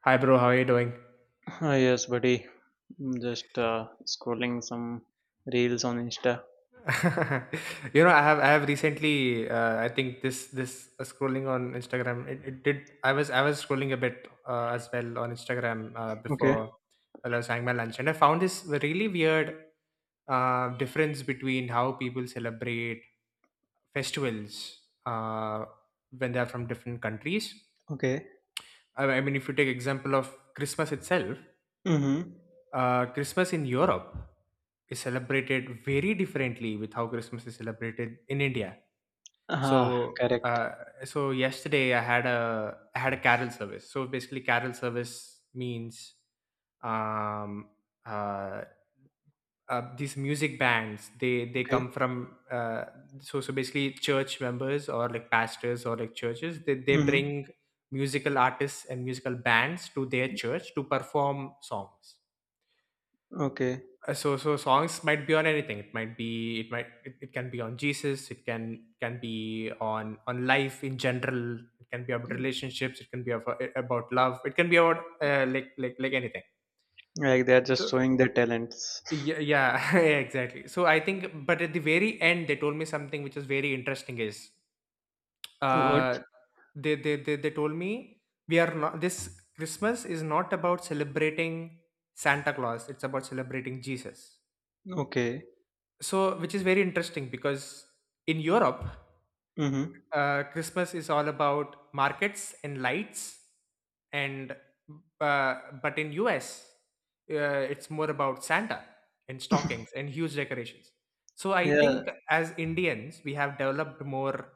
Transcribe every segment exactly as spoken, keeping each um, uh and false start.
Hi, bro, how are you doing? Ah, yes, buddy. I'm just uh, scrolling some reels on Insta. you know, I have I have recently uh, I think this this uh, scrolling on Instagram it, it did I was I was scrolling a bit uh, as well on Instagram uh, Okay. before while I was having my lunch, and I found this really weird uh, difference between how people celebrate festivals uh, when they are from different countries. Okay. I I mean, if you take example of Christmas itself, Mm-hmm. Uh, Christmas in Europe is celebrated very differently with how Christmas is celebrated in India. Ah, So, correct. uh, so yesterday I had a I had a carol service. So basically, carol service means um, uh, uh, these music bands. They they Okay. come from uh, so so basically church members or like pastors or like churches. They they Mm-hmm. bring musical artists and musical bands to their church to perform songs. Okay. Uh, so so songs might be on anything. It might be it might it, it can be on Jesus, it can can be on on life in general, it can be about relationships, it can be about, about love it can be about uh, like like like anything Like they're just so showing their talents. yeah, yeah, exactly. So I think, but at the very end they told me something which is very interesting, is What? uh they they they, they told me, we are not this christmas is not about celebrating Santa Claus, it's about celebrating Jesus. Okay. So, which is very interesting, because in Europe, Mm-hmm. uh, Christmas is all about markets and lights, and uh, but in U S, uh, it's more about Santa and stockings and huge decorations. So, I Yeah. think as Indians, we have developed more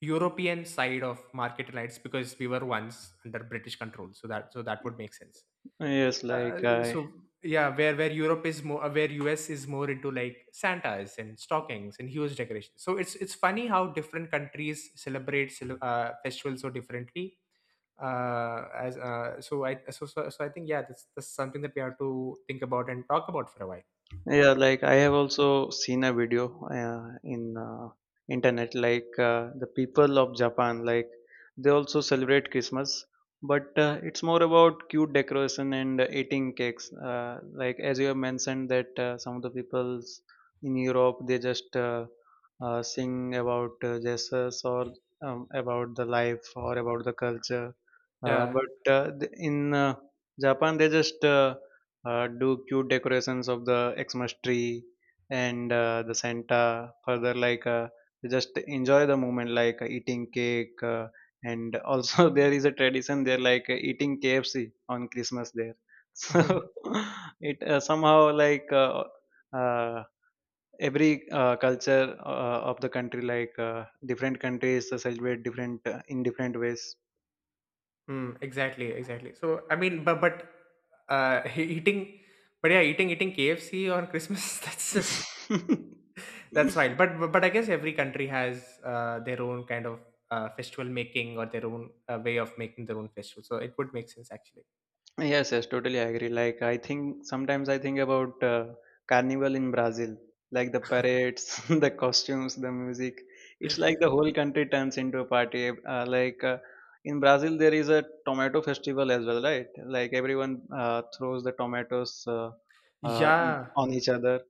European side of market lights because we were once under British control. So that so that would make sense. Yes, like Uh, I so yeah, where where Europe is more, uh, where U S is more into like Santas and stockings and huge decorations. So it's it's funny how different countries celebrate cele- uh, festivals so differently. Uh, as uh, so I so, so so I think, yeah, that's that's something that we have to think about and talk about for a while. Yeah, like I have also seen a video uh, in uh, internet like uh, the people of Japan, like they also celebrate Christmas, but uh, it's more about cute decoration and uh, eating cakes, uh, like as you have mentioned that uh, some of the peoples in Europe, they just uh, uh, sing about uh, Jesus, or um, about the life or about the culture, uh, Yeah. but uh, th- in uh, Japan they just uh, uh, do cute decorations of the Xmas tree and uh, the Santa. Further, like uh, just enjoy the moment, like uh, eating cake, uh, and also there is a tradition there, like uh, eating K F C on Christmas there. So it uh, somehow like uh, uh, every uh, culture uh, of the country, like uh, different countries uh, celebrate different uh, in different ways. Mm, exactly, exactly. So I mean, but but uh, eating, but yeah, eating eating K F C on Christmas. That's just, that's fine. But but I guess every country has uh, their own kind of uh, festival making, or their own uh, way of making their own festival. So it would make sense actually. Yes, yes, totally agree. Like I think sometimes I think about uh, carnival in Brazil, like the parades, the costumes, the music. It's like the whole country turns into a party. Uh, like uh, in Brazil, there is a tomato festival as well, right? Like everyone uh, throws the tomatoes uh, uh, Yeah. on each other.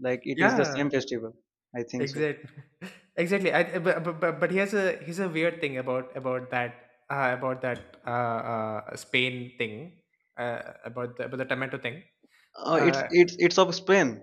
Like it is the Yeah. same festival. I think so. Exactly. Exactly. I, but, but but but here's a here's a weird thing about about that uh, about that uh, uh, Spain thing, uh, about the, about the tomato thing. Uh, it's Uh, it's it's of Spain.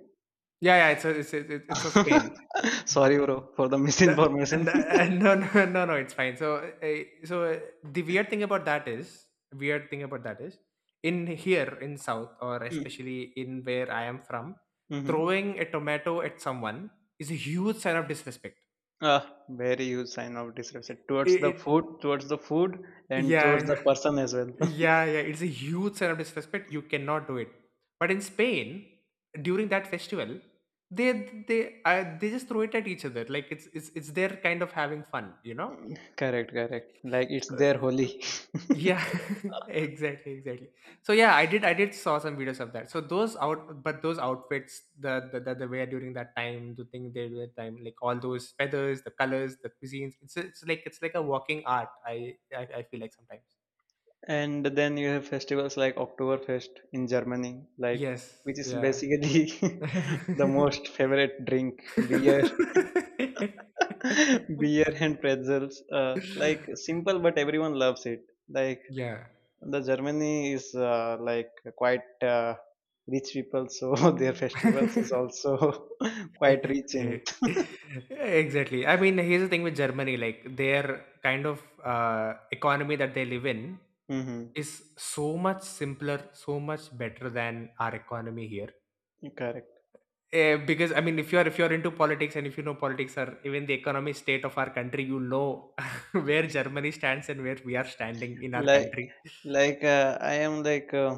yeah, yeah. It's a it's a, it's a Spain. Sorry, bro, for the No, misinformation. no, no, no, no, no, it's fine. So, uh, so uh, the weird thing about that is, weird thing about that is, in here in South, or especially in where I am from, Mm-hmm. throwing a tomato at someone is a huge sign of disrespect. Ah, very huge sign of disrespect towards the It, it food, towards the food, and towards yeah, the person as well. yeah, yeah, it's a huge sign of disrespect. You cannot do it. But in Spain, during that festival, they they uh, they just throw it at each other. Like, it's it's it's their kind of having fun, you know. Correct, correct. Like it's their holy. Yeah. Exactly, exactly. So yeah, i did i did saw some videos of that. So those out but those outfits, the the, the, the wear during that time the thing they wear time, like all those feathers, the colors, the cuisines, it's it's like it's like a walking art, i i, I feel, like, sometimes. And then you have festivals like Oktoberfest in Germany, like Yes. which is Yeah. basically the most favorite drink, beer, beer and pretzels. Uh, like simple, but everyone loves it. Like Yeah. the Germany is uh, like quite uh, rich people, so their festivals is also quite rich in it. Exactly. I mean, here's the thing with Germany, like their kind of uh, economy that they live in Mm-hmm. is so much simpler, so much better than our economy here. Correct. Uh, because I mean, if you're if you're into politics, and if you know politics or even the economic state of our country, you know where Germany stands and where we are standing in our Like, country. like uh, I am like uh,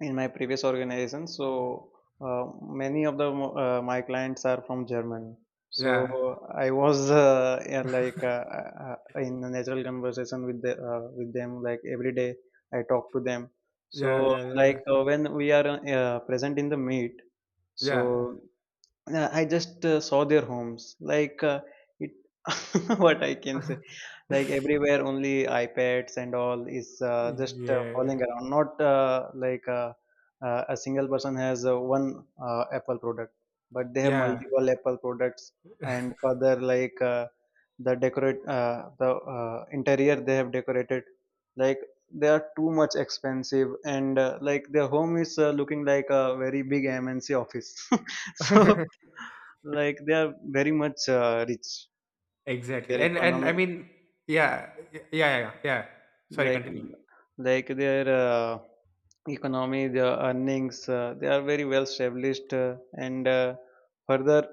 in my previous organization, so uh, many of the mo- uh, my clients are from Germany. So Yeah, I was uh, yeah, like uh, uh, uh, in a natural conversation with the, uh, with them. Like every day, I talk to them. yeah, So yeah, like yeah, uh, when we are uh, present in the meet, so. Uh, I just uh, saw their homes. Like uh, it, what I can say, like everywhere only iPads and all is uh, just uh, yeah, falling around. Not uh, like uh, uh, a single person has uh, one uh, Apple product, but they have yeah, multiple Apple products. And further, like uh, the decorate uh, the uh, interior they have decorated, like they are too much expensive, and uh, like their home is uh, looking like a very big M N C office. So yeah. like they are very much uh, rich, Exactly. their And and I economy. mean, yeah, y- yeah, yeah, yeah. Sorry, like continue. like their uh, economy, their earnings, uh, they are very well established, uh, and uh, further,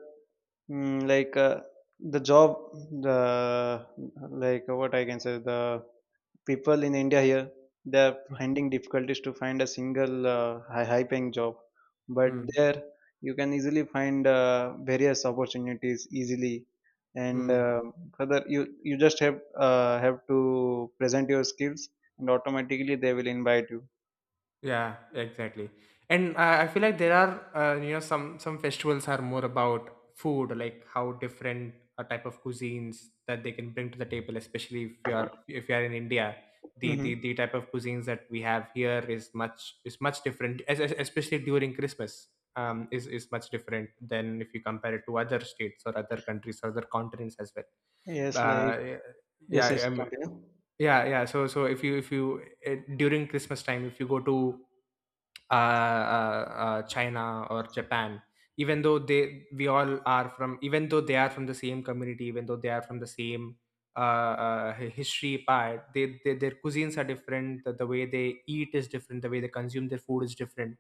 mm, like uh, the job, the, like what I can say, the people in India here, they are Mm. finding difficulties to find a single uh, high high paying job, but Mm. there you can easily find uh, various opportunities easily, and Mm. uh, further you you just have uh, have to present your skills, and automatically they will invite you. Yeah, exactly. And uh, I feel like there are uh, you know some some festivals are more about food, like how different a type of cuisines that they can bring to the table, especially if you are if you are in India. The, the, Mm-hmm. the type of cuisines that we have here is much is much different, es- es- especially during Christmas. Um, is is much different than if you compare it to other states or other countries or other continents as well. Yes, like uh, yeah, yes, yes, um, continue. yeah, yeah. So, so if you if you eh, during Christmas time, if you go to uh, uh, uh, China or Japan, even though they we all are from, even though they are from the same community, even though they are from the same uh, uh, hi- history part, they, they their cuisines are different. The, the way they eat is different. The way they consume their food is different.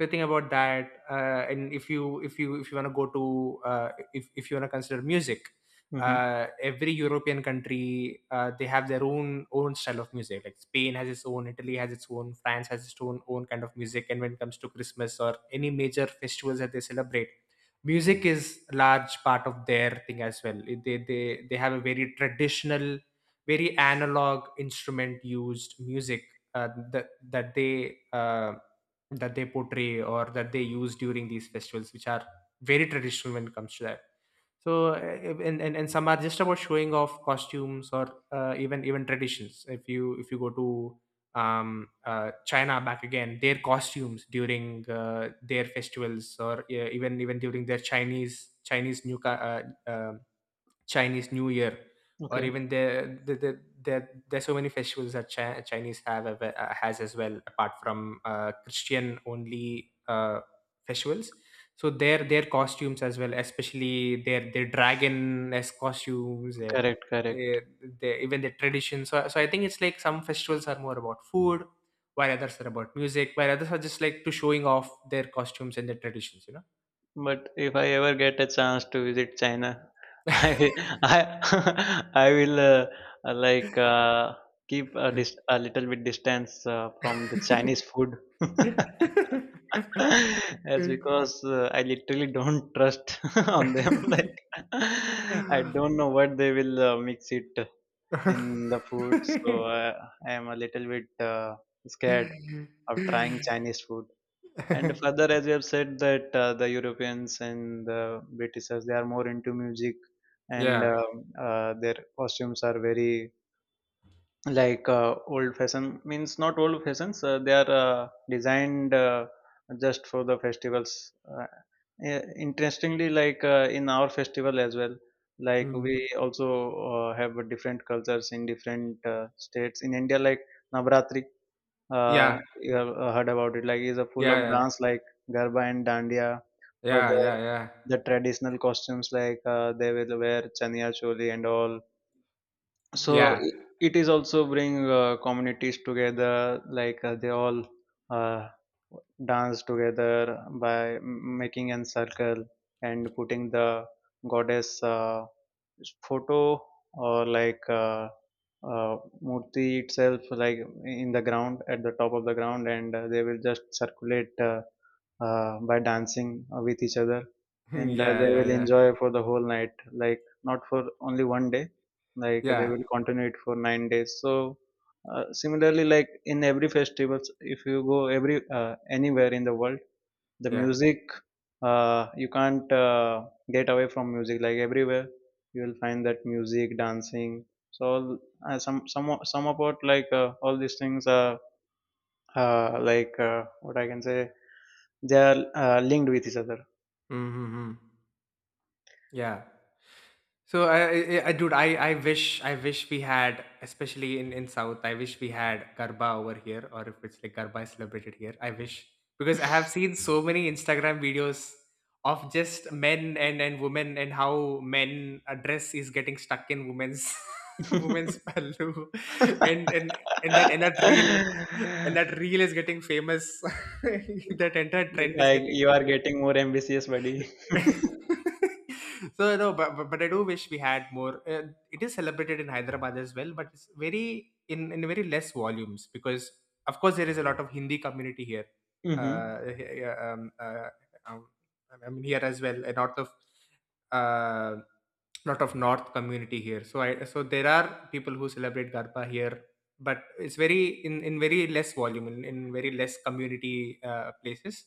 So think about that. Uh, and if you if you if you want to go to uh, if if you want to consider music, Mm-hmm. uh, every European country, uh, they have their own own style of music. Like Spain has its own, Italy has its own, France has its own own kind of music. And when it comes to Christmas or any major festivals that they celebrate, music is a large part of their thing as well. It- They they they have a very traditional, very analog instrument used music uh, that that they uh, that they portray, or that they use during these festivals, which are very traditional when it comes to that. so uh, and, and and some are just about showing off costumes, or uh, even even traditions. If you if you go to um uh, China back again, their costumes during uh, their festivals, or uh, even even during their chinese chinese new Ca- uh, uh, Chinese New Year, or Okay. even there there there, there there's so many festivals that Chi- Chinese have av- uh, has as well, apart from uh, Christian only uh, festivals. So their their costumes as well, especially their their dragon as costumes, their, Correct, uh, correct. their even their traditions. So so I think it's like some festivals are more about food, while others are about music, while others are just like to showing off their costumes and their traditions. You know. But if I ever get a chance to visit China, I will, I, I will uh, uh, like uh, keep a, dis- a little bit distance uh, from the Chinese food. That's because uh, I literally don't trust on them. Like I don't know what they will uh, mix it in the food, so uh, I am a little bit uh, scared of trying Chinese food. And further, as we have said, that uh, the Europeans and the Britishers, they are more into music, and Yeah. um, uh, their costumes are very like uh, old-fashioned. Means not old-fashioned. Uh, they are uh, designed uh, just for the festivals. Uh, eh, interestingly, like uh, in our festival as well, like Mm. we also uh, have different cultures in different uh, states. In India, like Navratri, uh, Yeah. you have uh, heard about it. Like, is a full Yeah, of yeah. dance like garba and dandiya. Yeah, Further, yeah, yeah. the traditional costumes, like uh, they will wear chaniya choli and all, so Yeah. i- it is also bring uh, communities together, like uh, they all uh, dance together by m- making an circle and putting the goddess uh, photo, or like uh, uh, murti itself, like in the ground at the top of the ground, and uh, they will just circulate uh, uh, by dancing uh, with each other, and uh, Yeah, yeah, they will yeah. enjoy for the whole night, like not for only one day, like they Yeah, will continue it for nine days. So uh, similarly, like in every festivals, if you go every uh, anywhere in the world, the yeah. music, uh, you can't uh, get away from music, like everywhere you will find that music, dancing. So all, uh, some some o- some about like uh, all these things are uh, like uh, what I can say, they are uh, linked with each other. Mm, mhm. Yeah. So I, I, I dude, I, I wish, I wish we had, especially in in South, I wish we had Garba over here, or if it's like Garba is celebrated here, I wish, because I have seen so many Instagram videos of just men and and women and how men a dress is getting stuck in women's women's pallu, and and and that and that reel and that reel is getting famous. That entire trend is Like getting you are famous. getting more ambitious, buddy. So no, but, but but I do wish we had more. Uh, it is celebrated in Hyderabad as well, but it's very in in very less volumes because of course there is a lot of Hindi community here. Uh, Mm-hmm. he- uh, um, uh, um, I mean here as well, a lot of uh, lot of North community here. So I so there are people who celebrate Garba here, but it's very in in very less volume in, in very less community uh, places.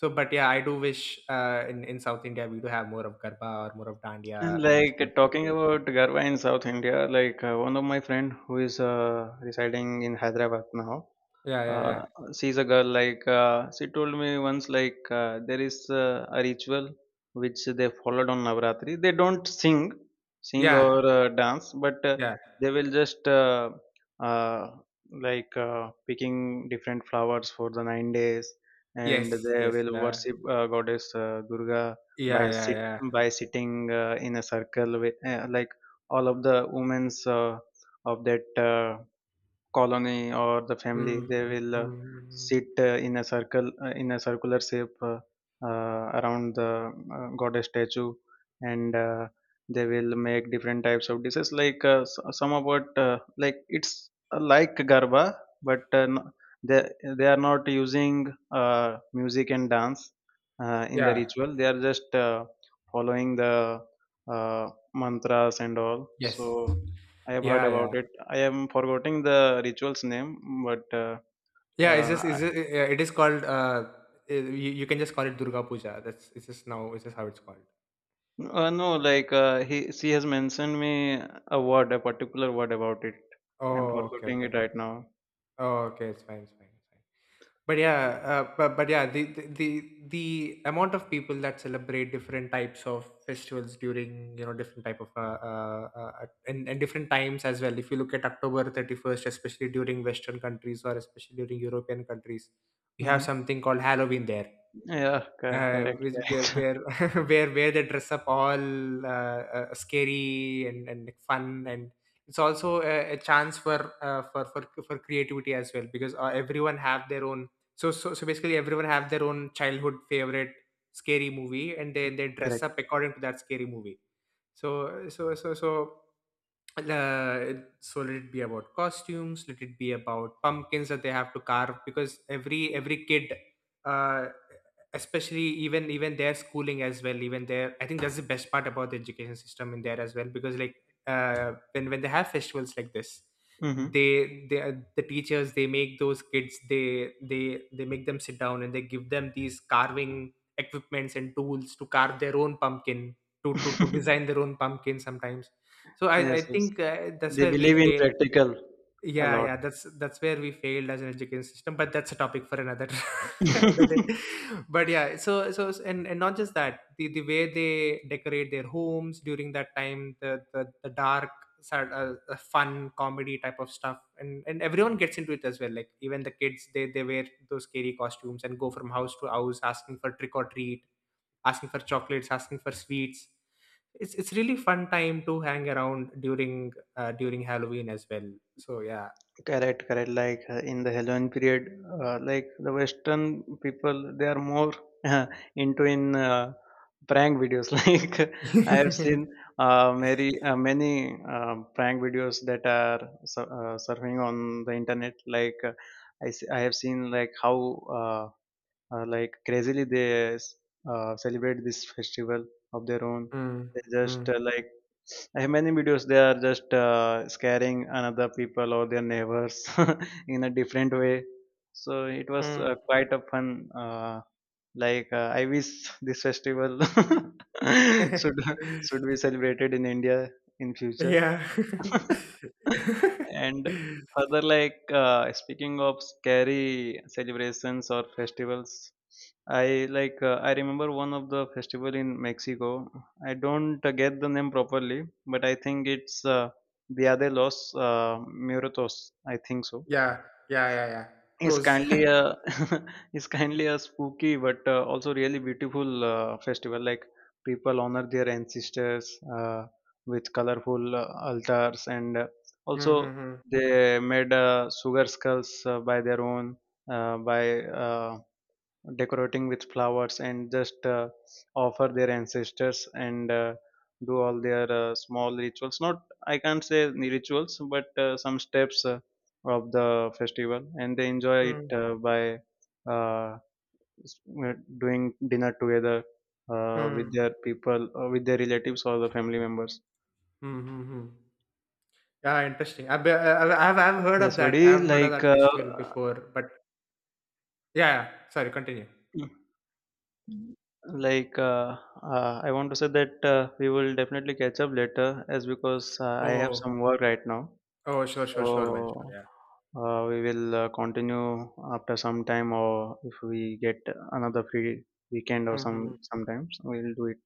So, but yeah, I do wish uh, in in South India we do have more of Garba or more of And Dandiya being like uh, celebrated talking here. about Garba in South India, like uh, one of my friend who is uh, residing in Hyderabad now, Yeah, yeah, yeah, uh, sees a girl, like uh, she told me once, like uh, there is uh, a ritual which they followed on navratri. They don't sing sing yeah, or uh, dance, but uh, yeah. they will just uh, uh, like uh, picking different flowers for the nine days, Yes, and they yes, will yeah, worship uh, goddess uh, durga by yeah, yeah, sit yeah. by sitting uh, in a circle with, uh, like all of the women's uh, of that uh, colony or the family. Mm, They will uh, mm, sit uh, in a circle uh, in a circular shape, uh, uh, around the uh, goddess statue, and uh, they will make different types of dishes, like uh, s- some of what uh, like it's uh, like garba, but uh, no, they they are not using uh, music and dance uh, in the yeah. ritual. They are just uh, following the uh, mantras and all. Yes. So I have heard Yeah, about yeah, it. I am forgetting the ritual's name, but uh, yeah. It's just, uh, it's just, yeah, it is called. Uh, i- you, you can just call it Durga Puja. That's it's just now. It's just how it's called. uh, no, like uh, he she has mentioned me a word, a particular word about it. I'm Oh, okay, forgetting okay. it right now. Oh, okay. It's fine. It's fine. It's fine. But yeah, uh, but, but yeah, the, the the the amount of people that celebrate different types of festivals during, you know, different type of uh, uh, uh, and and different times as well. If you look at October thirty first, especially during Western countries, or especially during European countries, we have Hmm. something called Halloween there, Yeah, cor- uh, correct, which- where correct, where where where they dress up all uh, uh, scary and, and like, fun, and it's also a, a chance for, uh, for for for creativity as well, because uh, everyone have their own, so, so so basically everyone have their own childhood favorite scary movie, and they they dress correct. up according to that scary movie. so so so so uh, so let it be about costumes, let it be about pumpkins that they have to carve, because every every kid, uh, especially even even their schooling as well, even their I think that's the best part about the education system in there as well, because like, uh, when when they have festivals like this, Hmm. they they are- the teachers, they make those kids, they they they make them sit down and they give them these carving equipments and tools to carve their own pumpkin, to to, to design their own pumpkin sometimes. So I, I Yes, yes. think uh, that's They where we believe in fail. practical a Yeah, lot. yeah, that's that's where we failed as an education system. But that's a topic for another another day. But yeah, so so and and not just that, the the way they decorate their homes during that time, the the, the dark, sad, uh, uh, fun, comedy type of stuff, and and everyone gets into it as well. Like, even the kids, they they wear those scary costumes and go from house to house asking for trick or treat, asking for chocolates, asking for sweets. It's it's really fun time to hang around during uh, during Halloween as well. So yeah. Correct, correct. Like uh, in the Hellenic period, uh, like the Western people, they are more uh, into in uh, prank videos. Like I have seen uh, many uh, many uh, prank videos that are sur- uh, surfing on the internet. Like uh, I s- I have seen like how uh, uh, like crazily they uh, celebrate this festival of their own. Mm, They mm, just uh, like I have many videos. They are just uh, scaring another people or their neighbors in a different way. So it was uh, mm. quite a fun. uh, like uh, I wish this festival should should be celebrated in india in future. Yeah. And further, like uh, speaking of scary celebrations or festivals, I like uh, I remember one of the festival in Mexico. I don't uh, get the name properly, but I think it's uh, Dia de los uh, Muertos. I think so. yeah yeah yeah yeah, It's close. kindly a it's kindly a spooky, but uh, also really beautiful uh, festival. Like people honor their ancestors uh, with colorful uh, altars, and uh, also Mm-hmm. they made uh, sugar skulls uh, by their own uh, by uh, decorating with flowers, and just uh, offer their ancestors, and uh, do all their uh, small rituals. Not I can't say rituals, but uh, some steps uh, of the festival, and they enjoy it uh, by uh, s- uh, doing dinner together uh, with Mm-hmm. their people, uh, with their relatives or the family members. Mm-hmm. Yeah, interesting. I've, uh, I've, I've I've heard of Yes, that. buddy, I've heard of like that uh, festival before, but yeah, yeah. Sorry, continue. like uh, uh, I want to say that uh, we will definitely catch up later, as because uh, I have Oh, some work right now. oh, sure, sure, sure, man, sure, So yeah. uh, we will uh, continue after some time, or if we get another free weekend or Hmm, some hmm, hmm. sometimes, we'll do it.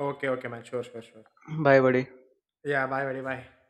Okay, okay, man. Sure, sure, sure. Bye, buddy. Yeah, bye, buddy. Bye.